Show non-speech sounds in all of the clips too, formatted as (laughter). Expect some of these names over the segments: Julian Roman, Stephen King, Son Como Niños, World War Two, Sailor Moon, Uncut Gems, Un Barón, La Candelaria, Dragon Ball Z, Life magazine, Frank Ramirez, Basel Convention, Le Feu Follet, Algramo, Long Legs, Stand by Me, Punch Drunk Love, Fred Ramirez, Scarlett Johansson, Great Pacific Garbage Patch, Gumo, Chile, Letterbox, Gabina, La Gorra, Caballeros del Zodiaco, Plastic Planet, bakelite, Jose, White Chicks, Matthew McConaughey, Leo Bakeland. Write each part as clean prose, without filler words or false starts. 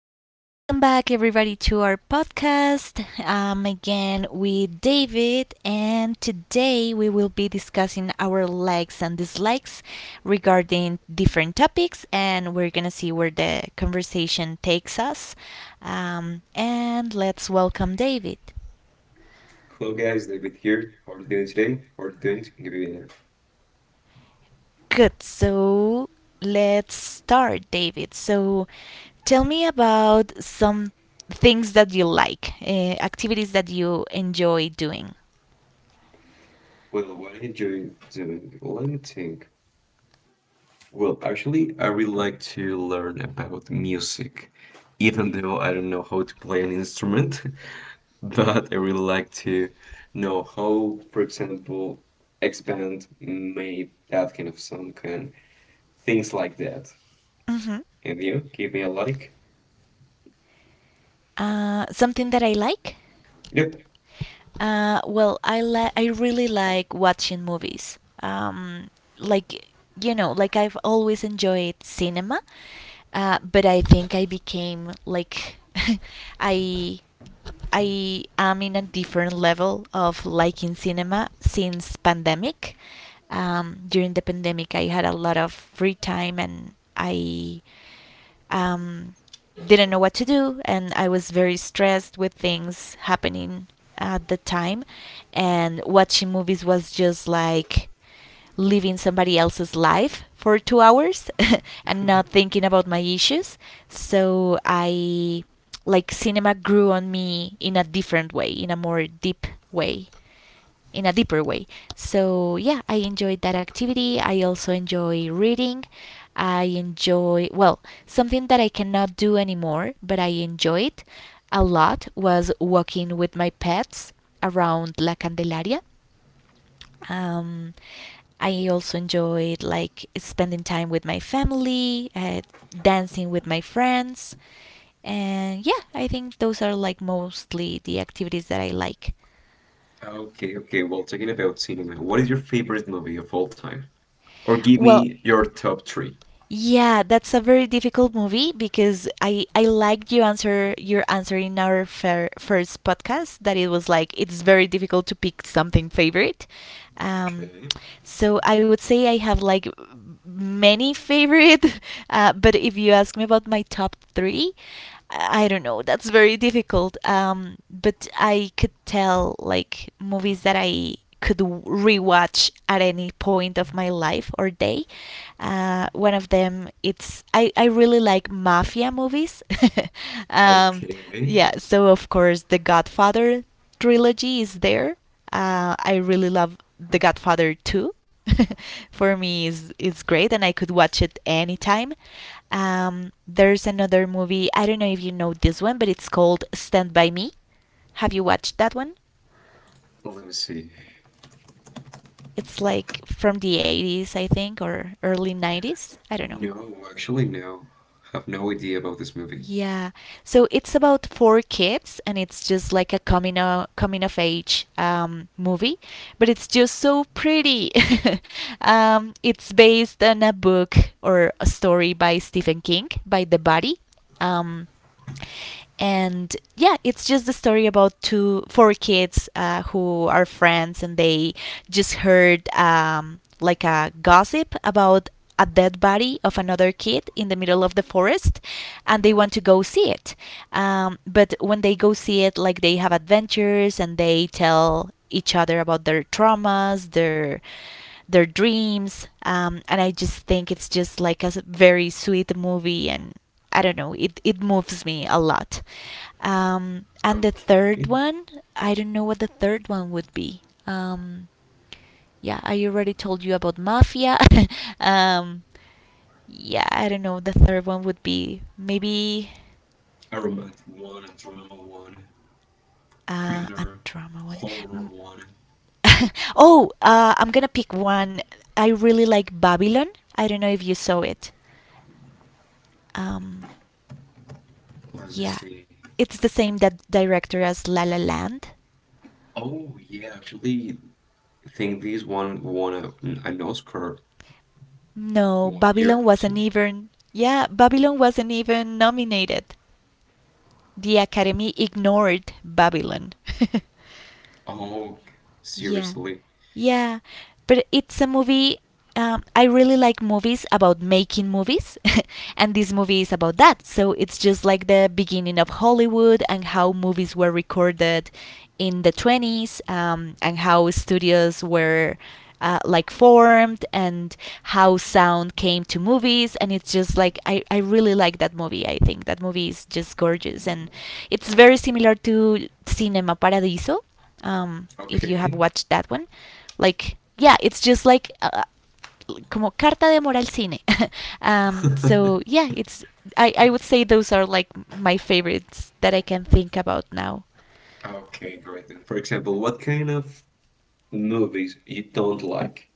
Welcome back, everybody, to our podcast. I'm again with David, and today we will be discussing our likes and dislikes regarding different topics, and we're gonna see where the conversation takes us. And let's welcome David. Hello guys, David here. How are you doing today? How are you doing, Gabina? Good, so let's start, David. So tell me about some things that you like, activities that you enjoy doing. Well, what are you enjoy doing, let me think. Well, actually, I really like to learn about music, even though I don't know how to play an instrument, (laughs) but I really like to know how, for example, X band made that kind of song and things like that. hmm And you, give me a like. Something that I like? Yep. I really like watching movies. Like you know, like I've always enjoyed cinema, but I think I became like (laughs) I I am in a different level of liking cinema since pandemic. During the pandemic, I had a lot of free time and I um, didn't know what to do, and I was very stressed with things happening at the time. And watching movies was just like living somebody else's life for 2 hours (laughs) and not thinking about my issues. So I like cinema grew on me in a different way, in a deeper way. So yeah, I enjoyed that activity. I also enjoy reading. I enjoy, well, something that I cannot do anymore, but I enjoyed a lot was walking with my pets around La Candelaria. Um, I also enjoyed like spending time with my family, dancing with my friends. And yeah, I think those are like mostly the activities that I like. Okay, okay. Well, talking about cinema, what is your favorite movie of all time? Or give Well, me your top three. yeah, that's a very difficult movie because I liked your answer in our first podcast that it was like it's very difficult to pick something favorite. Um, Okay. so I would say I have like many favorite, (laughs) but if you ask me about my top three, I don't know. That's very difficult. But I could tell like movies that I could rewatch at any point of my life or day. One of them, it's I really like mafia movies. (laughs) um, Okay. yeah, so of course the Godfather trilogy is there. I really love The Godfather 2. (laughs) For me, is it's great, and I could watch it anytime. There's another movie. I don't know if you know this one, but it's called Stand by Me. Have you watched that one? Let me see. It's like from the 80s, I think, or early 90s. I don't know. No, actually, no. I have no idea about this movie. Yeah. So it's about four kids, and it's just like a coming of age movie, but it's just so pretty. (laughs) It's based on a book or a story by Stephen King, by The Body. Um, and yeah, it's just a story about two four kids who are friends, and they just heard like a gossip about a dead body of another kid in the middle of the forest, and they want to go see it, but when they go see it, like they have adventures and they tell each other about their traumas, their dreams, and I just think it's just like a very sweet movie, and I don't know, it moves me a lot. And the third Okay. one, I don't know what the third one would be. Yeah, I already told you about Mafia. (laughs) um, yeah, I don't know. The third one would be maybe A romantic one, a drama one, a thriller, drama horror one. one. (laughs) Oh, I'm gonna pick one. I really like Babylon. I don't know if you saw it. Um, Let me yeah, see. it's the same that director as La La Land. Oh yeah, actually, I think this one won an Oscar No, one year or Babylon two. wasn't even. Yeah, Babylon wasn't even nominated. The Academy ignored Babylon. (laughs) Oh, Yeah. seriously? Yeah, but it's a movie. I really like movies about making movies, (laughs) and this movie is about that. So it's just like the beginning of Hollywood and how movies were recorded in the 20s, and how studios were like formed, and how sound came to movies. And it's just like I really like that movie. I think that movie is just gorgeous, and it's very similar to Cinema Paradiso, if you have Okay. watched that one. Like, yeah, it's just like como carta de amor al cine. (laughs) So (laughs) yeah, it's I would say those are like my favorites that I can think about now. Okay, great then. For example, what kind of movies you don't like?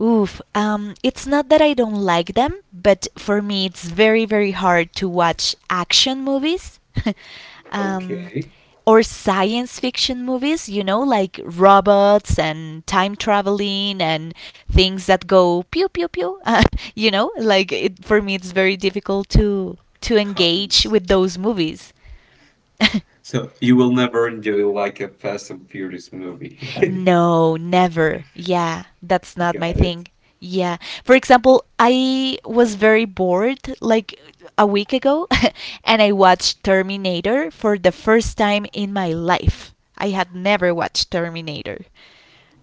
Oof. It's not that I don't like them, but for me, it's very, very hard to watch action movies (laughs) um, Okay, or science fiction movies, you know, like robots and time traveling and things that go pew, pew, pew. (laughs) You know, like for me, it's very difficult to engage happens. with those movies. (laughs) So you will never enjoy like a Fast and Furious movie. No, never. Yeah, that's (laughs) not my Got it. thing. Yeah. For example, I was very bored like a week ago (laughs) and I watched Terminator for the first time in my life. I had never watched Terminator.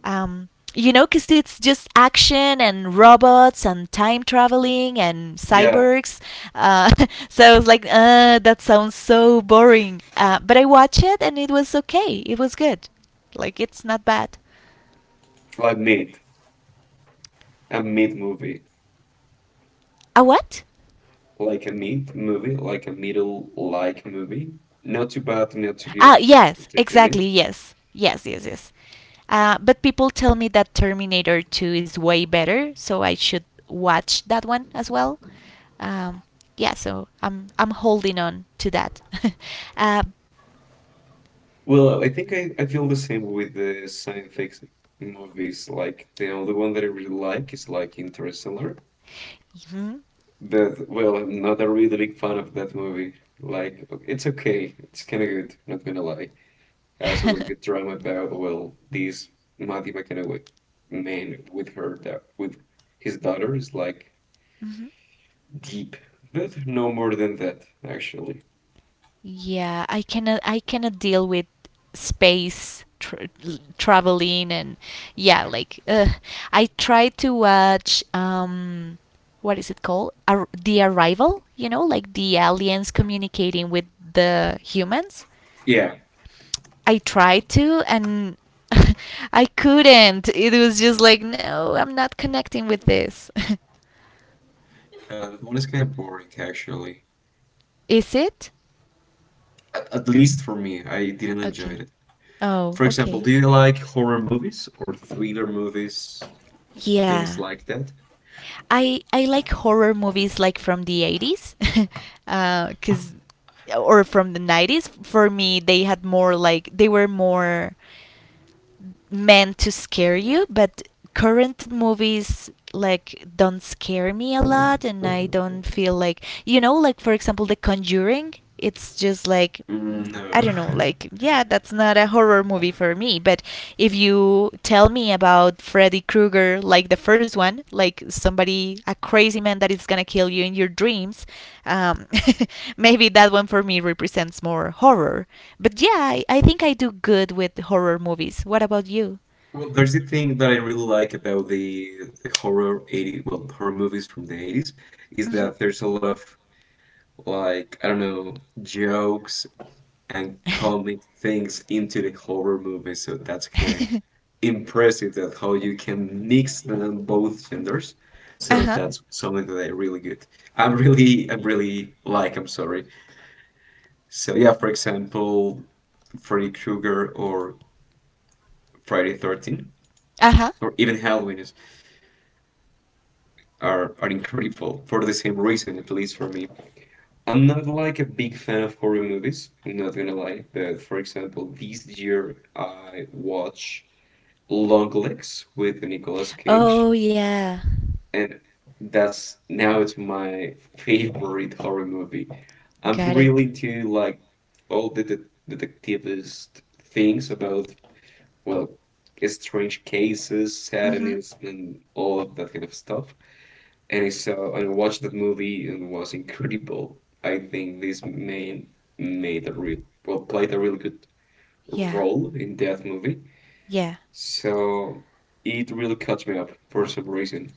Um, you know, because it's just action and robots and time traveling and Yeah, cyborgs. Uh, (laughs) I was like, that sounds so boring. But I watched it and it was okay. It was good. Like it's not bad. like meat, a meat movie, A what? like a meat movie, like a middle like movie. Not too bad, not too Ah, good. yes, Completely exactly. meat. Yes, yes, yes, yes. But people tell me that Terminator 2 is way better, so I should watch that one as well. Um, yeah, so I'm holding on to that. (laughs) uh, Well, I think I feel the same with the science fiction movies. Like the only one that I really like is like Interstellar. mhm. But well, I'm not a really big fan of that movie. Like it's okay, it's kind of good, not gonna lie. Sort of Mhm. like try my best, well, this Matthew McConaughey man with her, that with his daughter is like (laughs) deep, but no more than that actually. Yeah, I cannot deal with traveling and yeah, like I tried to watch what is it called, the Arrival, you know, like the aliens communicating with the humans, Yeah, I tried to, and (laughs) I couldn't. It was just like no, I'm not connecting with this. (laughs) That one is kind of boring actually. Is it? At least for me, I didn't enjoy Okay. it. Oh, For example, okay. do you like horror movies or thriller movies, Yeah, things like that? I like horror movies like from the 80s, (laughs) 'cause or from the 90s. For me, they had more like they were more meant to scare you, but current movies like don't scare me a lot, and I don't feel like, you know, like for example The Conjuring, it's just like Mm, I no. don't know, (laughs) like, yeah, that's not a horror movie for me. But if you tell me about Freddy Krueger, like the first one, like somebody, a crazy man that is gonna kill you in your dreams, um, (laughs) maybe that one for me represents more horror. But yeah, I think I do good with horror movies. What about you? Well, there's the thing that I really like about the horror 80, well, horror movies from the 80s is Hmm. that there's a lot of, like, I don't know, jokes and comic things into the horror movie. So that's kind of impressive, that how you can mix them both genders. uh So huh. that's something that I really good. I really like. I'm sorry. So yeah, for example, Freddy Krueger or Friday 13 Uh huh. (laughs) or even Halloween is, are incredible for the same reason, at least for me. I'm not like a big fan of horror movies, I'm not gonna lie, but for example, this year I watched Long Legs with Nicolas Cage, Oh, yeah. and that's now it's my favorite horror movie. I'm Got it. really into like all the de detectivist things about, well, strange cases, Mm hmm. sadness, and all of that kind of stuff, and I watched that movie and it was incredible. I think this man made a real well played a really good Yeah. role in that movie. Yeah. So it really caught me up for some reason.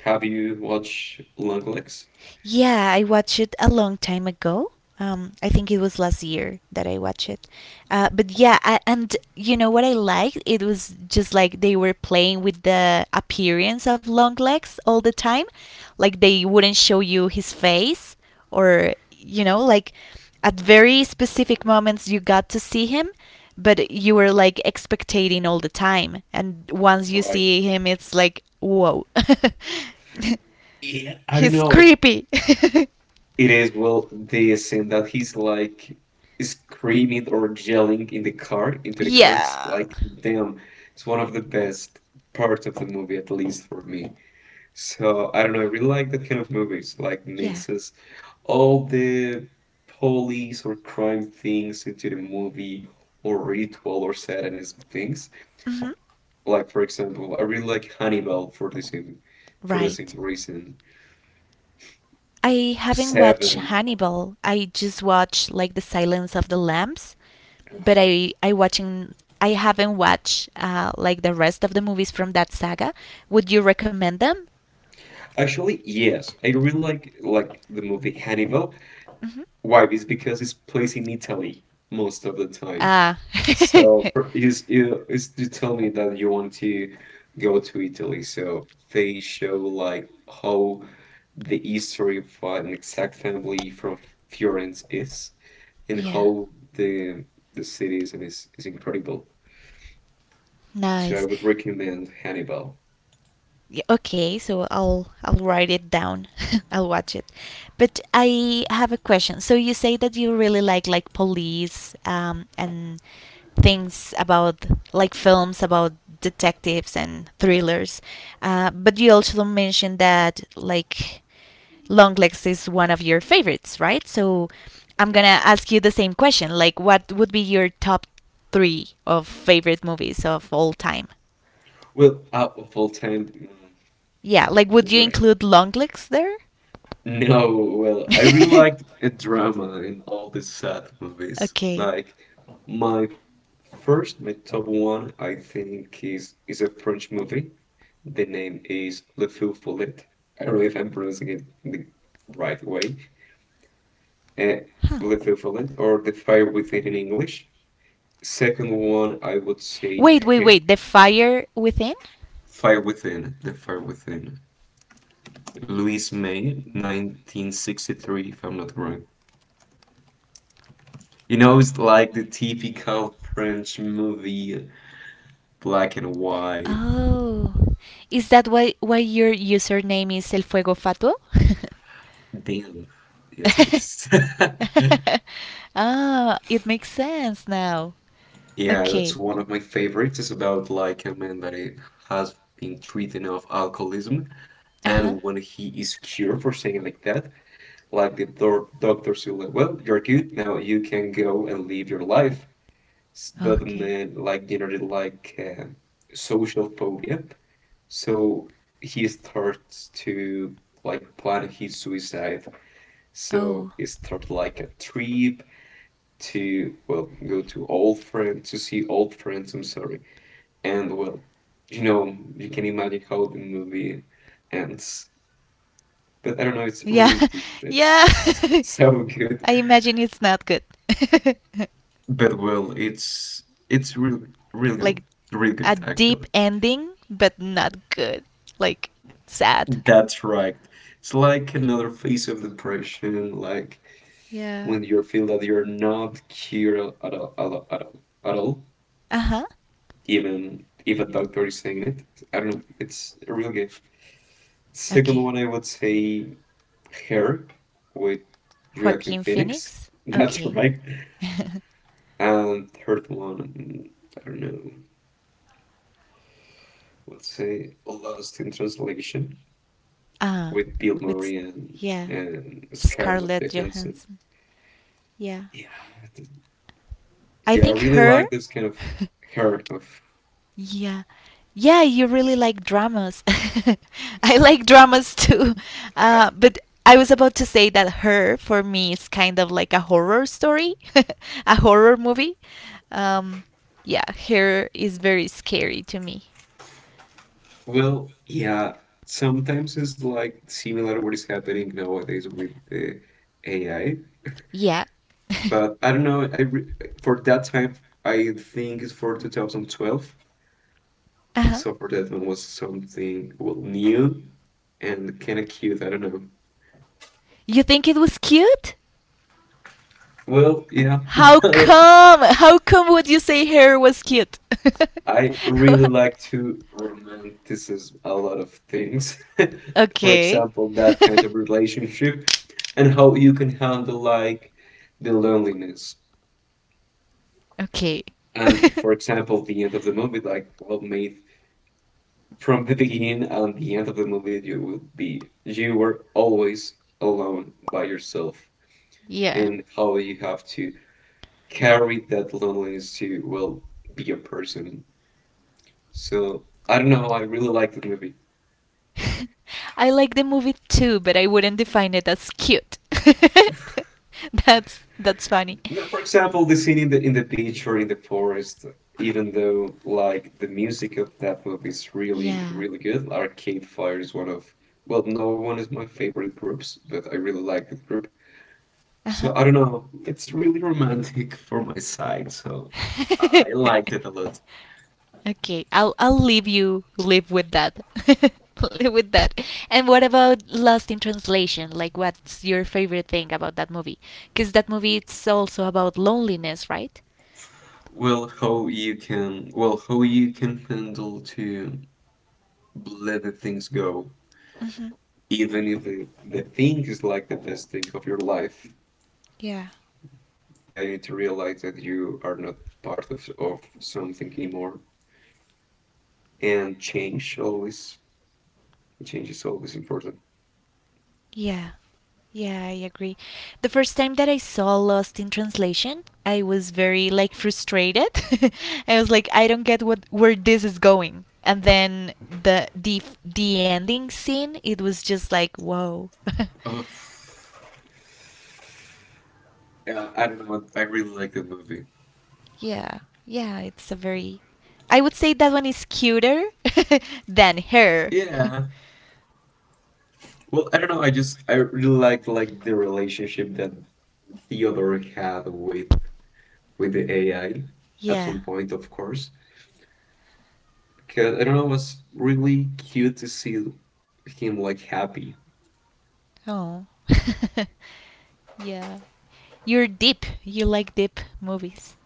Have you watched Long Legs? Yeah, I watched it a long time ago. I think it was last year that I watched it. And you know what I liked? It was just like they were playing with the appearance of Longlegs all the time. Like they wouldn't show you his face, or, you know, like at very specific moments you got to see him, but you were like expectating all the time. And once you Right. see him, it's like, whoa. (laughs) Yeah, I don't He's know. creepy. (laughs) It is, well, the scene that he's like screaming or yelling in the car into the car. It's Yeah. like damn, it's one of the best parts of the movie, at least for me. So I don't know, I really like that kind of movies, like Yeah. mixes all the police or crime things into the movie, or ritual or satanism things. Hmm. Like for example, I really like Hannibal for the same Right. reason. I haven't watched Seven. Hannibal. I just watched like The Silence of the Lambs, but I haven't watched like the rest of the movies from that saga. Would you recommend them? Actually, yes, I really like the movie Hannibal. Hmm. Why? It's because it's placed in Italy most of the time. Ah. So you tell me that you want to go to Italy, so they show like how the history of an exact family from Florence is, and (laughs) Yeah. how the the city is, and is incredible. So I Nice. would recommend Hannibal. Y- Okay, so I'll write it down. (laughs) I'll watch it. But I have a question. So you say that you really like police and things about like films about detectives and thrillers. But you also mentioned that like Longlegs is one of your favorites, right? So I'm That's gonna right. ask you the same question. Like, what would be your top three of favorite movies of all time? Well, out of all time, mm, Yeah, like would you right. include Long Legs there? No, well, I really (laughs) liked a drama in all these sad movies. Okay. Like my my top one I think is a French movie. The name is Le Feu Follet. I don't know if I'm pronouncing it the right way. Uh, Huh. Le Feu Follet, or The Fire Within in English. Second one I would say Wait, wait, Her. wait. The Fire Within? Fire Within, The Fire Within. Louise May, 1963, if I'm not wrong. You know, it's like the typical French movie, black and white. Oh. Is that why your username is El Fuego Fatuo? (laughs) Damn. Yes, it (laughs) is. (laughs) Ah, it makes sense now. Yeah, that's Okay. one of my favorites. It's about like a man that it has been treating of alcoholism, Uh huh. and when he is cured, for saying like that, like the do doctors will, like, well, you're good now, you can go and live your life. But the Okay. man like generally like social phobia, so he starts to like plan his suicide. So Oh. he starts like a trip to, well, go to old friends, to see old friends. I'm sorry. And well, you know, you can imagine how the movie ends. But I don't know, it's Yeah. really deep. (laughs) Yeah. It's (laughs) (laughs) so good. I imagine it's not good. (laughs) But well, it's really really good. Like Really good, a actually. deep ending, but not good. Like sad. That's right. It's like another phase of depression, like Yeah. when you feel that you're not cured at all, at all, at all, at all, Uh huh. even if a doctor is saying it. I don't know, it's really good. Second Okay. one, I would say Herb with Joaquin Joaquin Phoenix. Phoenix? (laughs) That's Okay. right. (laughs) And third one, I don't know. Let's say Lost in Translation Ah, with Bill with s- Murray and, yeah, and Scarlett Scarlett Johansson. Johansson. Yeah, Yeah, I yeah, I think really her. like this kind of her (laughs) of. Yeah, yeah, you really like dramas. (laughs) I like dramas too, Uh, but I was about to say that her for me is kind of like a horror story, (laughs) a horror movie. Um, yeah, her is very scary to me. well, yeah, sometimes it's like similar what is happening nowadays with the AI, Yeah. (laughs) but I don't know. I re for that time, I think it's for 2012. Uh-huh. So for that one was something well new and kind of cute. I don't know. You think it was cute? Well, yeah, How come? How come would you say hair was cute? (laughs) I (laughs) really What? like to romanticize a lot of things. (laughs) For Okay. example, that kind of relationship and how you can handle like the loneliness. (laughs) Okay. And (laughs) for example, the end of the movie, like well made, from the beginning and the end of the movie, you will be you were always alone by yourself, Yeah. and how you have to carry that loneliness to, well, be a person. So I don't know. I really like the movie. (laughs) I like the movie too, but I wouldn't define it as cute. (laughs) That's funny. No, for example, the scene in the beach or in the forest. Even though like the music of that movie is really Yeah. really good. Arcade Fire is one of well, no, one is my favorite groups, but I really like the group. Uh-huh. So I don't know. It's really romantic for my side. So I (laughs) liked it a lot. Okay, I'll leave you live with that. (laughs) Live with that. And what about Lost in Translation? Like what's your favorite thing about that movie? Cuz that movie, it's also about loneliness, right? Well how you can handle to let the things go, Mhm. even if the thing is like the best thing of your life, Yeah. yeah, you need to realize that you are not part of something anymore. And change is always important. Yeah. Yeah, I agree. The first time that I saw Lost in Translation, I was very like frustrated. (laughs) I was like, I don't get what where this is going. And then the ending scene, it was just like, whoa. (laughs) Oh, yeah, I don't know. I really like the movie. Yeah, yeah, it's a very. I would say that one is cuter (laughs) than her. (laughs) Yeah. Well, I don't know. I really like the relationship that Theodore had with the AI at Yeah. some point, of course. Because I don't know, it was really cute to see him like happy. Oh. (laughs) Yeah. You're deep. You like deep movies.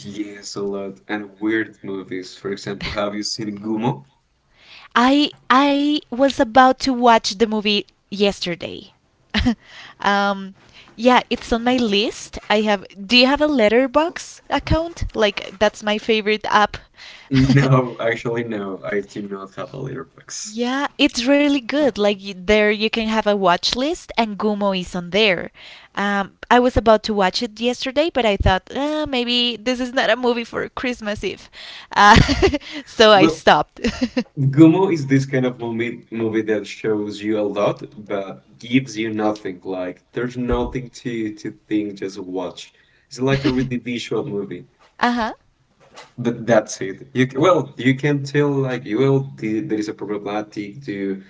Yes, a lot. And weird movies. For example, have you (laughs) seen Gumo? I was about to watch the movie yesterday. (laughs) um, yeah, it's on my list. I have. Do you have a Letterbox account? Like that's my favorite app. (laughs) No, actually, no. I do not have a letterbox. Yeah, it's really good. Like there you can have a watch list and Gumo is on there. I was about to watch it yesterday, but I thought maybe this is not a movie for Christmas Eve. Uh, (laughs) so I Well, stopped. (laughs) Gumo is this kind of movie that shows you a lot but gives you nothing. Like there's nothing to think, just watch. It's like a really visual (laughs) movie. Uh huh. But that's it. You can, well, you can tell like there is a problematic to,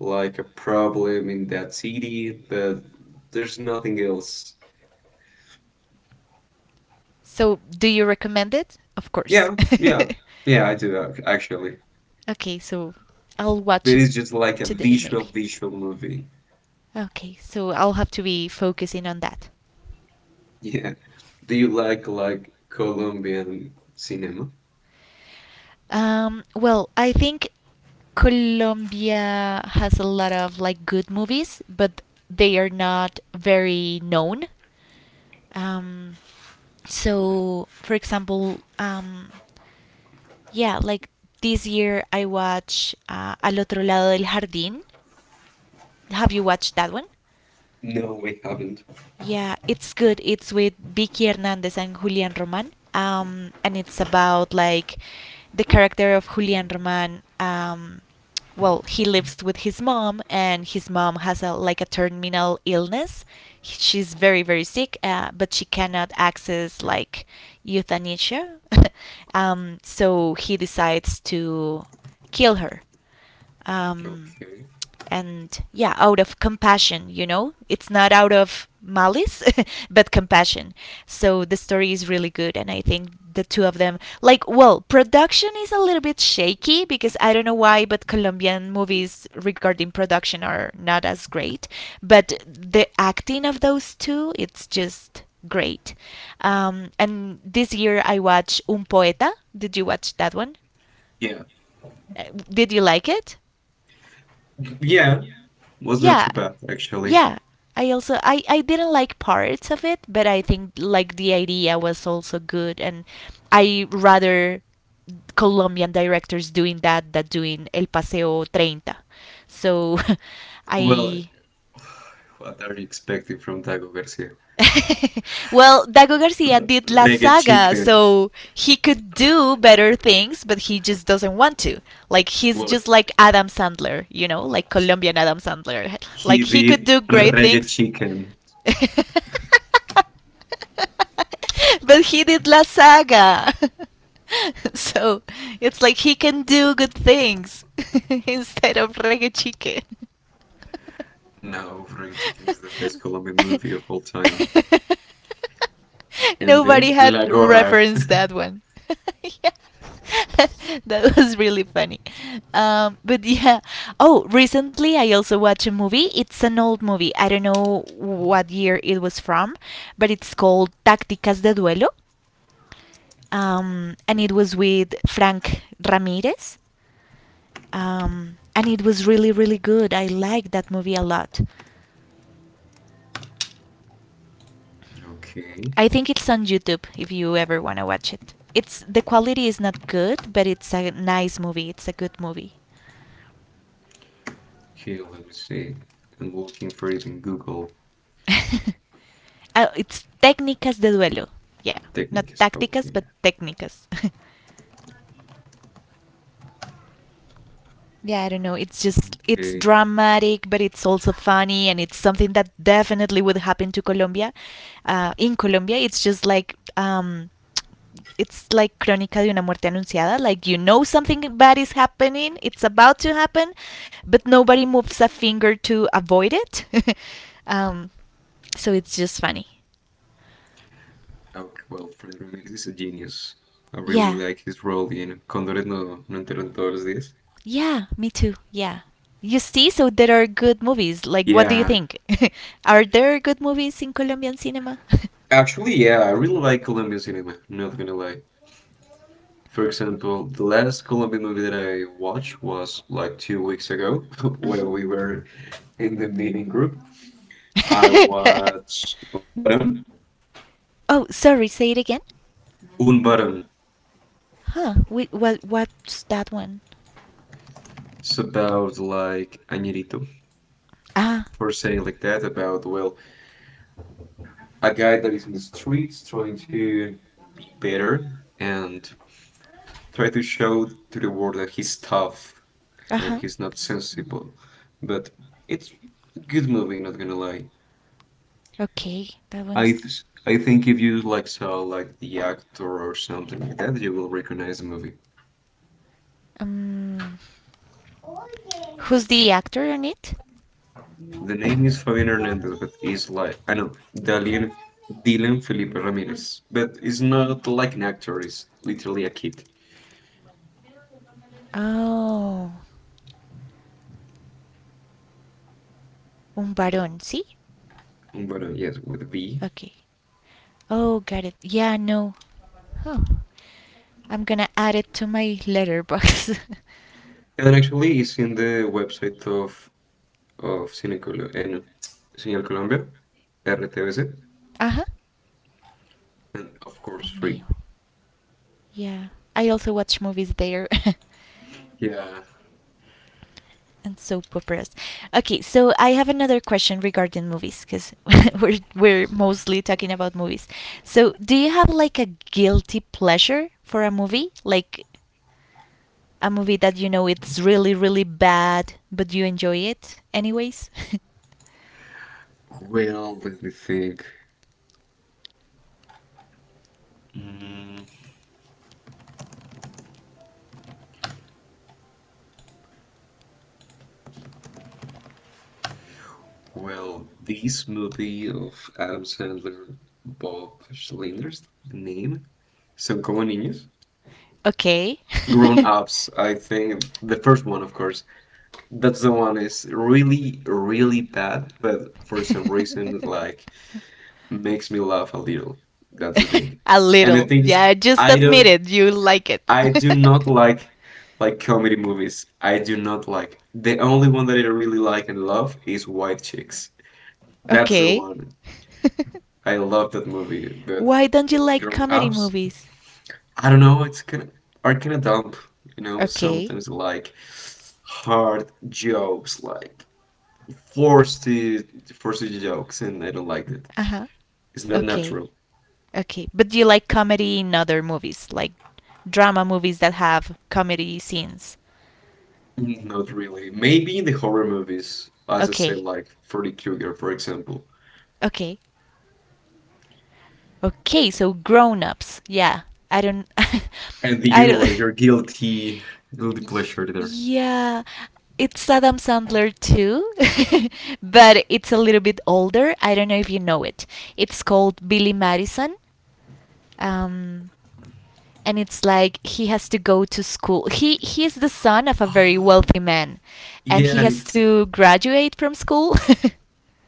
like, a problem in that city, but there's nothing else. So, do you recommend it? Of course. Yeah, yeah, yeah, I do actually. (laughs) Okay, so I'll But watch it it's just like a today, maybe. visual movie. Okay, so I'll have to be focusing on that. Yeah. Do you like Colombian cinema? Well, I think Colombia has a lot of like good movies, but they are not very known. Um, so, for example, yeah, like this year I watched Al otro lado del jardín. Have you watched that one? No, we haven't. Yeah, it's good. It's with Vicky Hernandez and Julian Roman. And it's about like the character of Julian Roman. Well, he lives with his mom, and his mom has a like a terminal illness. She's very sick, but she cannot access like euthanasia. (laughs) So he decides to kill her um, Okay. and yeah, out of compassion, you know? It's not out of malice, (laughs) but compassion. So the story is really good, and I think the two of them, like, well, production is a little bit shaky because I don't know why, but Colombian movies regarding production are not as great. But the acting of those two, it's just great. And this year I watched Un Poeta. Did you watch that one? Yeah. Did you like it? Yeah. Was not Yeah, too bad actually. yeah. I also I didn't like parts of it, but I think like the idea was also good, and I rather Colombian directors doing that than doing El Paseo 30. So (laughs) Well, I what are you expecting from Taco Garcia? (laughs) well, Dago Garcia did La Reggae Saga, chicken. so he could do better things, but he just doesn't want to. Like, he's Well, just like Adam Sandler, you know, like Colombian Adam Sandler. (laughs) Like, he he could did do great Reggae things. Chicken. (laughs) But he did La Saga. (laughs) So it's like he can do good things (laughs) instead of reggae chicken. No, Reggae Chicken is the best Colombian movie of all time. (laughs) And Nobody then La had Gorra. referenced that one. (laughs) Yeah. (laughs) That was really funny. But yeah. Oh, recently I also watched a movie. It's an old movie. I don't know what year it was from, but it's called Tácticas de Duelo. And it was with Frank Ramirez. And it was really, really good. I liked that movie a lot. (laughs) Okay. I think it's on YouTube if you ever want to watch it. It's the quality is not good, but it's a nice movie. It's a good movie. Okay, let me see. I'm looking for it in Google. (laughs) Oh, it's Técnicas de Duelo. Yeah, not Techniques. tácticas, Okay. but técnicas. (laughs) Yeah, I don't know. It's just it's Okay. dramatic, but it's also funny, and it's something that definitely would happen to Colombia. In Colombia, it's just like it's like Crónica de una muerte anunciada. Like you know something bad is happening, it's about to happen, but nobody moves a finger to avoid it. (laughs) um, so it's just funny. Okay. Well, Fred Ramirez is a genius. I really Yeah, like his role in Condores no Enteren Todos Días. yeah, me too. Yeah. You see, so there are good movies. Like, what do you Yeah. think? (laughs) Are there good movies in Colombian cinema? (laughs) Actually, yeah, I really like Colombian cinema. Not gonna lie. For example, the last Colombian movie that I watched was like 2 weeks ago (laughs) Mhm. when we were in the meeting group. I (laughs) watched Un Barón. Oh, sorry, say it again. Un Barón. Huh, wait, what's that one? It's about like Añerito, Ah, for saying like that, about, well, a guy that is in the streets trying to be better and try to show to the world that he's tough uh and huh. he's not sensible. But it's a good movie, not gonna lie. Okay, that I one's. th- I think if you like saw like the actor or something like that, you will recognize the movie. Um, who's the actor on it? The name is Fabian Hernandez, but he's like I know Dalian Dylan Felipe Ramirez, but he's not like an actor. He's literally a kid. Oh, un varón, see? But yes, with B. Okay. Oh, got it. Yeah, no. Huh. I'm gonna add it to my letterbox. (laughs) And actually, it's in the website of Cine and Señal Colombia, RTVC, Uh huh. and of A course male. free. Yeah. I also watch movies there. (laughs) Yeah. And soap operas. Okay, so I have another question regarding movies because (laughs) we're mostly talking about movies. So, do you have like a guilty pleasure for a movie? Like a movie that you know it's really bad, but you enjoy it anyways? Well, let me think. Mm, well, this movie of Adam Sandler, Bob Schlinder's name, Son Como Niños. (laughs) Okay. Grown Ups, I think the first one, of course. That's the one is really, really bad, but for some (laughs) reason, like (laughs) makes me laugh a little. That's the thing. (laughs) A And the little. thing is, Yeah, just I admit don't, it. You like it. I do not (laughs) like like comedy movies. I do not like. The only one that I really like and love is White Chicks. That's the Okay. one. I (laughs) love that movie. But Why don't you like grown comedy ups. movies? I don't know. It's kind of are kind of dumb. You know, Okay. sometimes like hard jokes, like forced forced jokes, and I don't like that. Uh huh. It's not Okay. natural. Okay. But do you like comedy in other movies, like drama movies that have comedy scenes? Mm, not really. Maybe in the horror movies, as I said, Okay. like Freddy Krueger, for example. Okay. Okay, so grown-ups. Yeah. I don't And (laughs) I you, what don't is (laughs) your guilty pleasure there? Yeah, it's Adam Sandler too, (laughs) but it's a little bit older. I don't know if you know it. It's called Billy Madison. Um, and it's like he has to go to school. He is the son of a very Ah, wealthy man, and yeah, he and has it's to graduate from school. (laughs)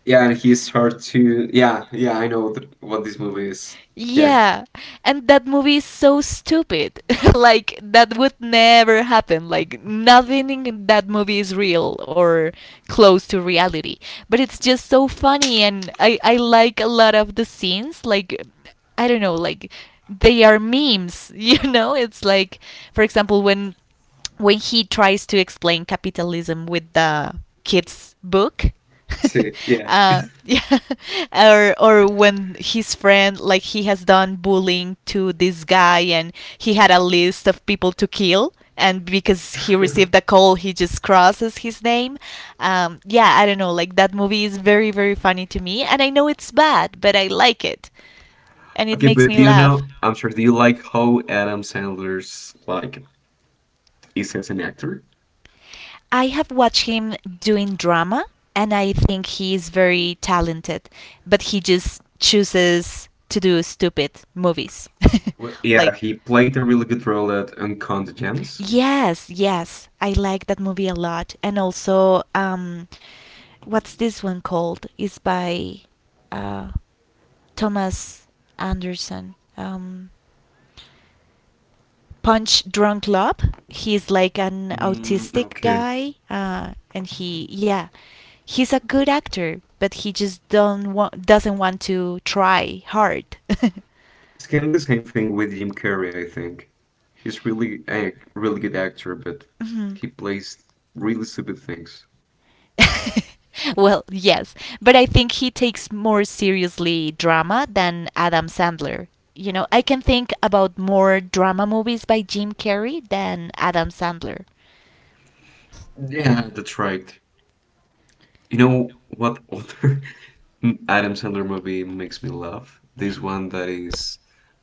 yeah, and he's hard to yeah, yeah. I know th what this movie is. Yeah, Yeah, and that movie is so stupid. (laughs) Like that would never happen. Like nothing in that movie is real or close to reality. But it's just so funny, and I like a lot of the scenes. Like I don't know, like they are memes. (laughs) You know, it's like for example when he tries to explain capitalism with the kids book see, (laughs) yeah. (laughs) Yeah. Or when his friend like he has done bullying to this guy and he had a list of people to kill and because he received a call he just crosses his name yeah I don't know like that movie is very funny to me and I know it's bad but I like it and it Okay, makes but me do you laugh. know, I'm sure, do you like how Adam Sandler's like is as an actor? I have watched him doing drama and I think he is very talented, but he just chooses to do stupid movies. Well, (laughs) yeah, Like he played a really good role at Uncut Gems. yes, yes, I like that movie a lot and also what's this one called? It's by uh Thomas Anderson. Punch Drunk Love. He's like an Mm, autistic okay. guy, and he's a good actor, but he just don't want doesn't want to try hard. (laughs) It's kind of the same thing with Jim Carrey, I think. He's really a really good actor, but Mhm. he plays really stupid things. (laughs) Well, yes, but I think he takes more seriously drama than Adam Sandler. You know, I can think about more drama movies by Jim Carrey than Adam Sandler. Yeah, that's right. You know what other (laughs) Adam Sandler movie makes me laugh? This one that is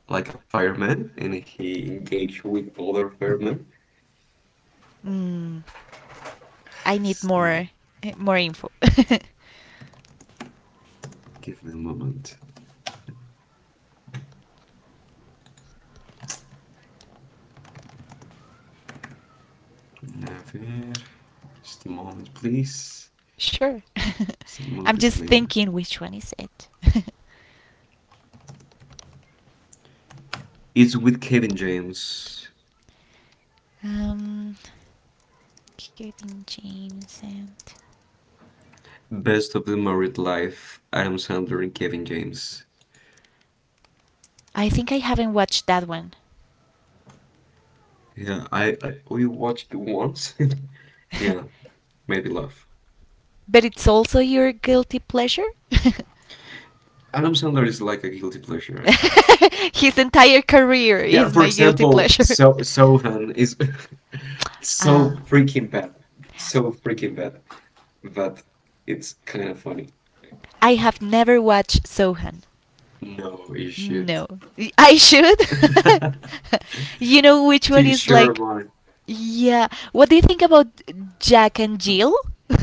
like a fireman and he engaged with other firemen. Mm. I need Just more more info. (laughs) give me a moment. Never. Just a moment, please. Sure. What's the (laughs) I'm movie's just name? thinking which one is it. It's with Kevin James. (laughs) um, Kevin James and Best of the Married Life, Adam Sandler and Kevin James. I think I haven't watched that one. Yeah, I we watched it once. (laughs) Yeah, (laughs) maybe love. But it's also your guilty pleasure? (laughs) Adam Sandler is like a guilty pleasure, actually. (laughs) His entire career Yeah, is for my guilty example, pleasure. so (laughs) Sohan is (laughs) so Ah. freaking bad, so freaking bad, but it's kind of funny. I have never watched Sohan. No, you should. No. (laughs) I should? (laughs) You know which one To is share like. mine. Yeah. What do you think about Jack and Jill? (laughs)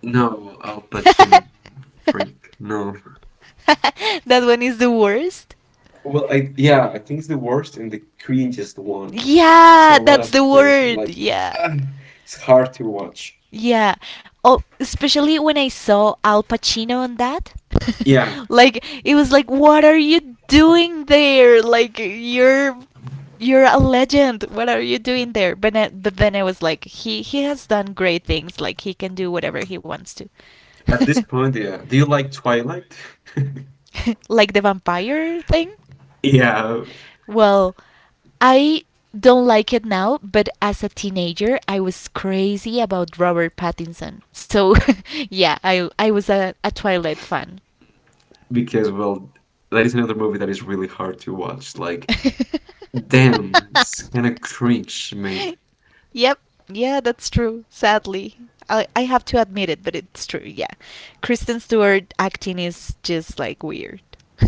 No, Al Pacino, (laughs) freak. No. That one is the worst. Well, I yeah, I think it's the worst and the cringiest one. It's a Yeah, lot that's of the cringe. It's word. like Yeah. (sighs) ah, it's hard to watch. Yeah. Oh, especially when I saw Al Pacino on that. Yeah, (laughs) Like it was like what are you doing there? Like you're a legend. What are you doing there? But then I was like he has done great things. Like he can do whatever he wants to. (laughs) at this point, yeah. Do you like Twilight? (laughs) Like the vampire thing? Yeah, Well, I don't like it now, but as a teenager, I was crazy about Robert Pattinson. So, (laughs) yeah, I was a Twilight fan. because well, that is another movie that is really hard to watch. Like, (laughs) damn, it's kind of cringe, mate. Yep. Yeah, that's true. Sadly, I have to admit it, but it's true. Yeah, Kristen Stewart acting is just like weird. (laughs)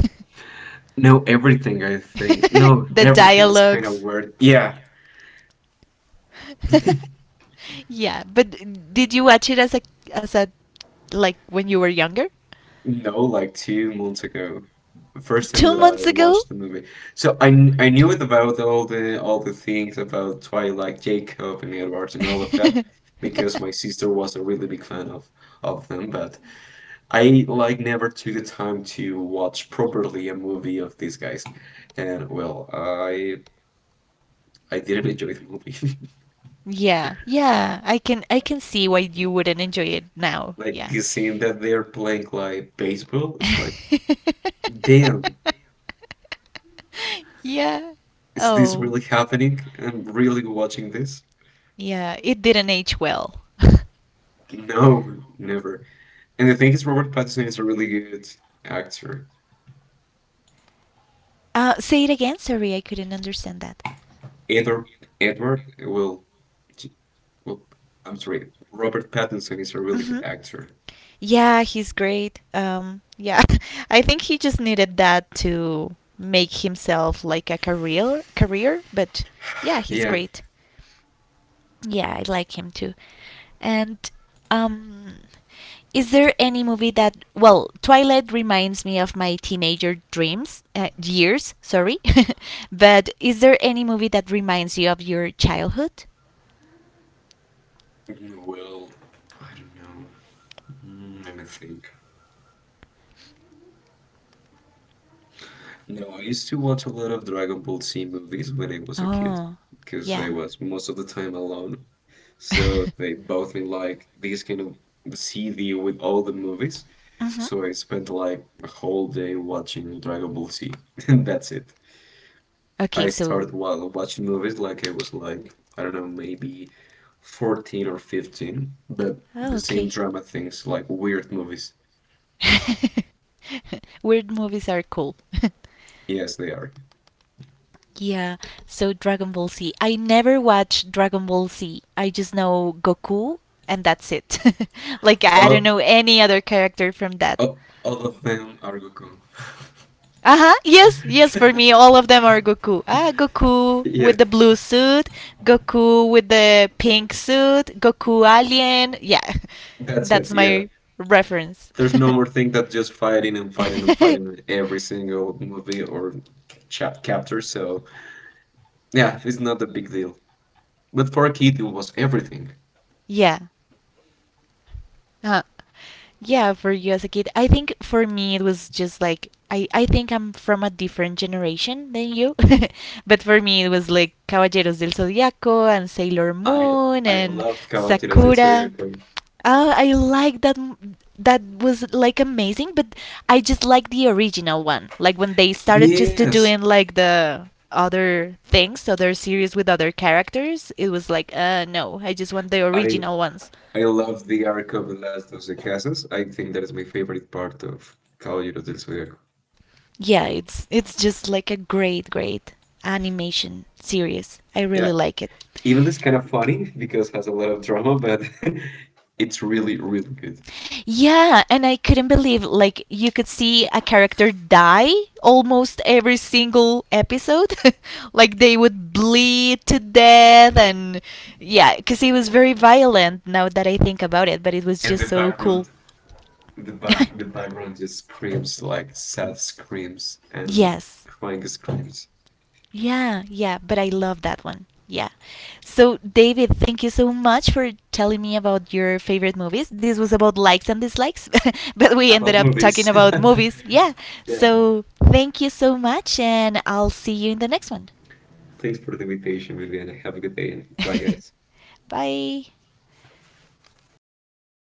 No, everything I (laughs) think. No, The everything is kind of dialogues. weird. Yeah, Yeah, yeah, but did you watch it as a like when you were younger? no, like 2 months ago. First time Two that I months ago? watched the movie. So I I knew it about all the things about Twilight, Jacob and Edward and all of that because my sister was a really big fan of them, but (laughs) I like never took the time to watch properly a movie of these guys. And well, I didn't enjoy the movie. (laughs) Yeah, yeah. I can see why you wouldn't enjoy it now. Like Yeah. the scene that they're playing like baseball is like, damn, (laughs) Yeah. is this Oh. really happening? I'm really watching this? Yeah, it didn't age well. No, never. And the thing is, Robert Pattinson is a really good actor. (laughs) Uh say it again. Sorry, I couldn't understand that. Edward Edward will I'm sorry, Robert Pattinson is a really good Mhm. actor. Yeah, he's great. Yeah. (laughs) I think he just needed that to make himself like a career, but yeah, he's Yeah, great. Yeah, I like him too. And um, is there any movie that? Well, Twilight reminds me of my teenager dreams years. Sorry, (laughs) but is there any movie that reminds you of your childhood? well, I don't know. Mm, let me think. No, I used to watch a lot of Dragon Ball Z movies when I was a kid Oh, because I yeah. was most of the time alone. (laughs) hmm So they bought me like this kind of CD with all the movies. So I spent like a whole day watching Dragon Ball Z, (laughs) and that's it. Okay, I so started while watching movies like I was like, I don't know, maybe 14 or 15, but oh, the same okay. drama things, like weird movies. (laughs) Weird movies are cool. (laughs) Yes, they are. Yeah, so Dragon Ball Z. I never watched Dragon Ball Z. I just know Goku and that's it. (laughs) Like I don't Oh, know any other character from that. oh, all of them are Goku. Uh-huh. Yes, yes, for me (laughs) all of them are Goku. Ah, Goku Yeah, with the blue suit, Goku with the pink suit, Goku alien. Yeah. (laughs) that's That's it. Yeah. my reference. There's no more thing that just fighting and fighting and (laughs) fighting in (laughs) every single movie or chapter. So yeah, it's not a big deal. But for a kid, it was everything. Yeah. Uh, yeah, for you as a kid. I think for me it was just like I think I'm from a different generation than you. (laughs) But for me it was like Caballeros del Zodiaco and Sailor I Moon I and loved Kawachiras. Sakura. Oh, I like that that was like amazing, but I just like the original one. Like when they started just to Yes, doing like the other things, other series with other characters, it was like, no, I just want the I original ones. I love the arc of the last of the Casas. I think that is my favorite part of Caballeros del Zodiaco. Yeah, it's just like a great animation series. I Yeah, really like it. even it's kind of funny because it has a lot of drama, but (laughs) it's really, really good. Yeah, and I couldn't believe like you could see a character die almost every single episode. (laughs) Like they would bleed to death and yeah, cuz it was very violent now that I think about it, but it was And the just so cool. background, the (laughs) background just screams like sad screams and Yes. crying screams Yeah, yeah, but I love that one. Yeah. So, David, thank you so much for telling me about your favorite movies. This was about likes and dislikes, (laughs) but we ended about up talking movies. (laughs) about movies. Yeah. Yeah, So, thank you so much, and I'll see you in the next one. thanks for the invitation, Vivian. Have a good day. Bye, guys. (laughs) Bye.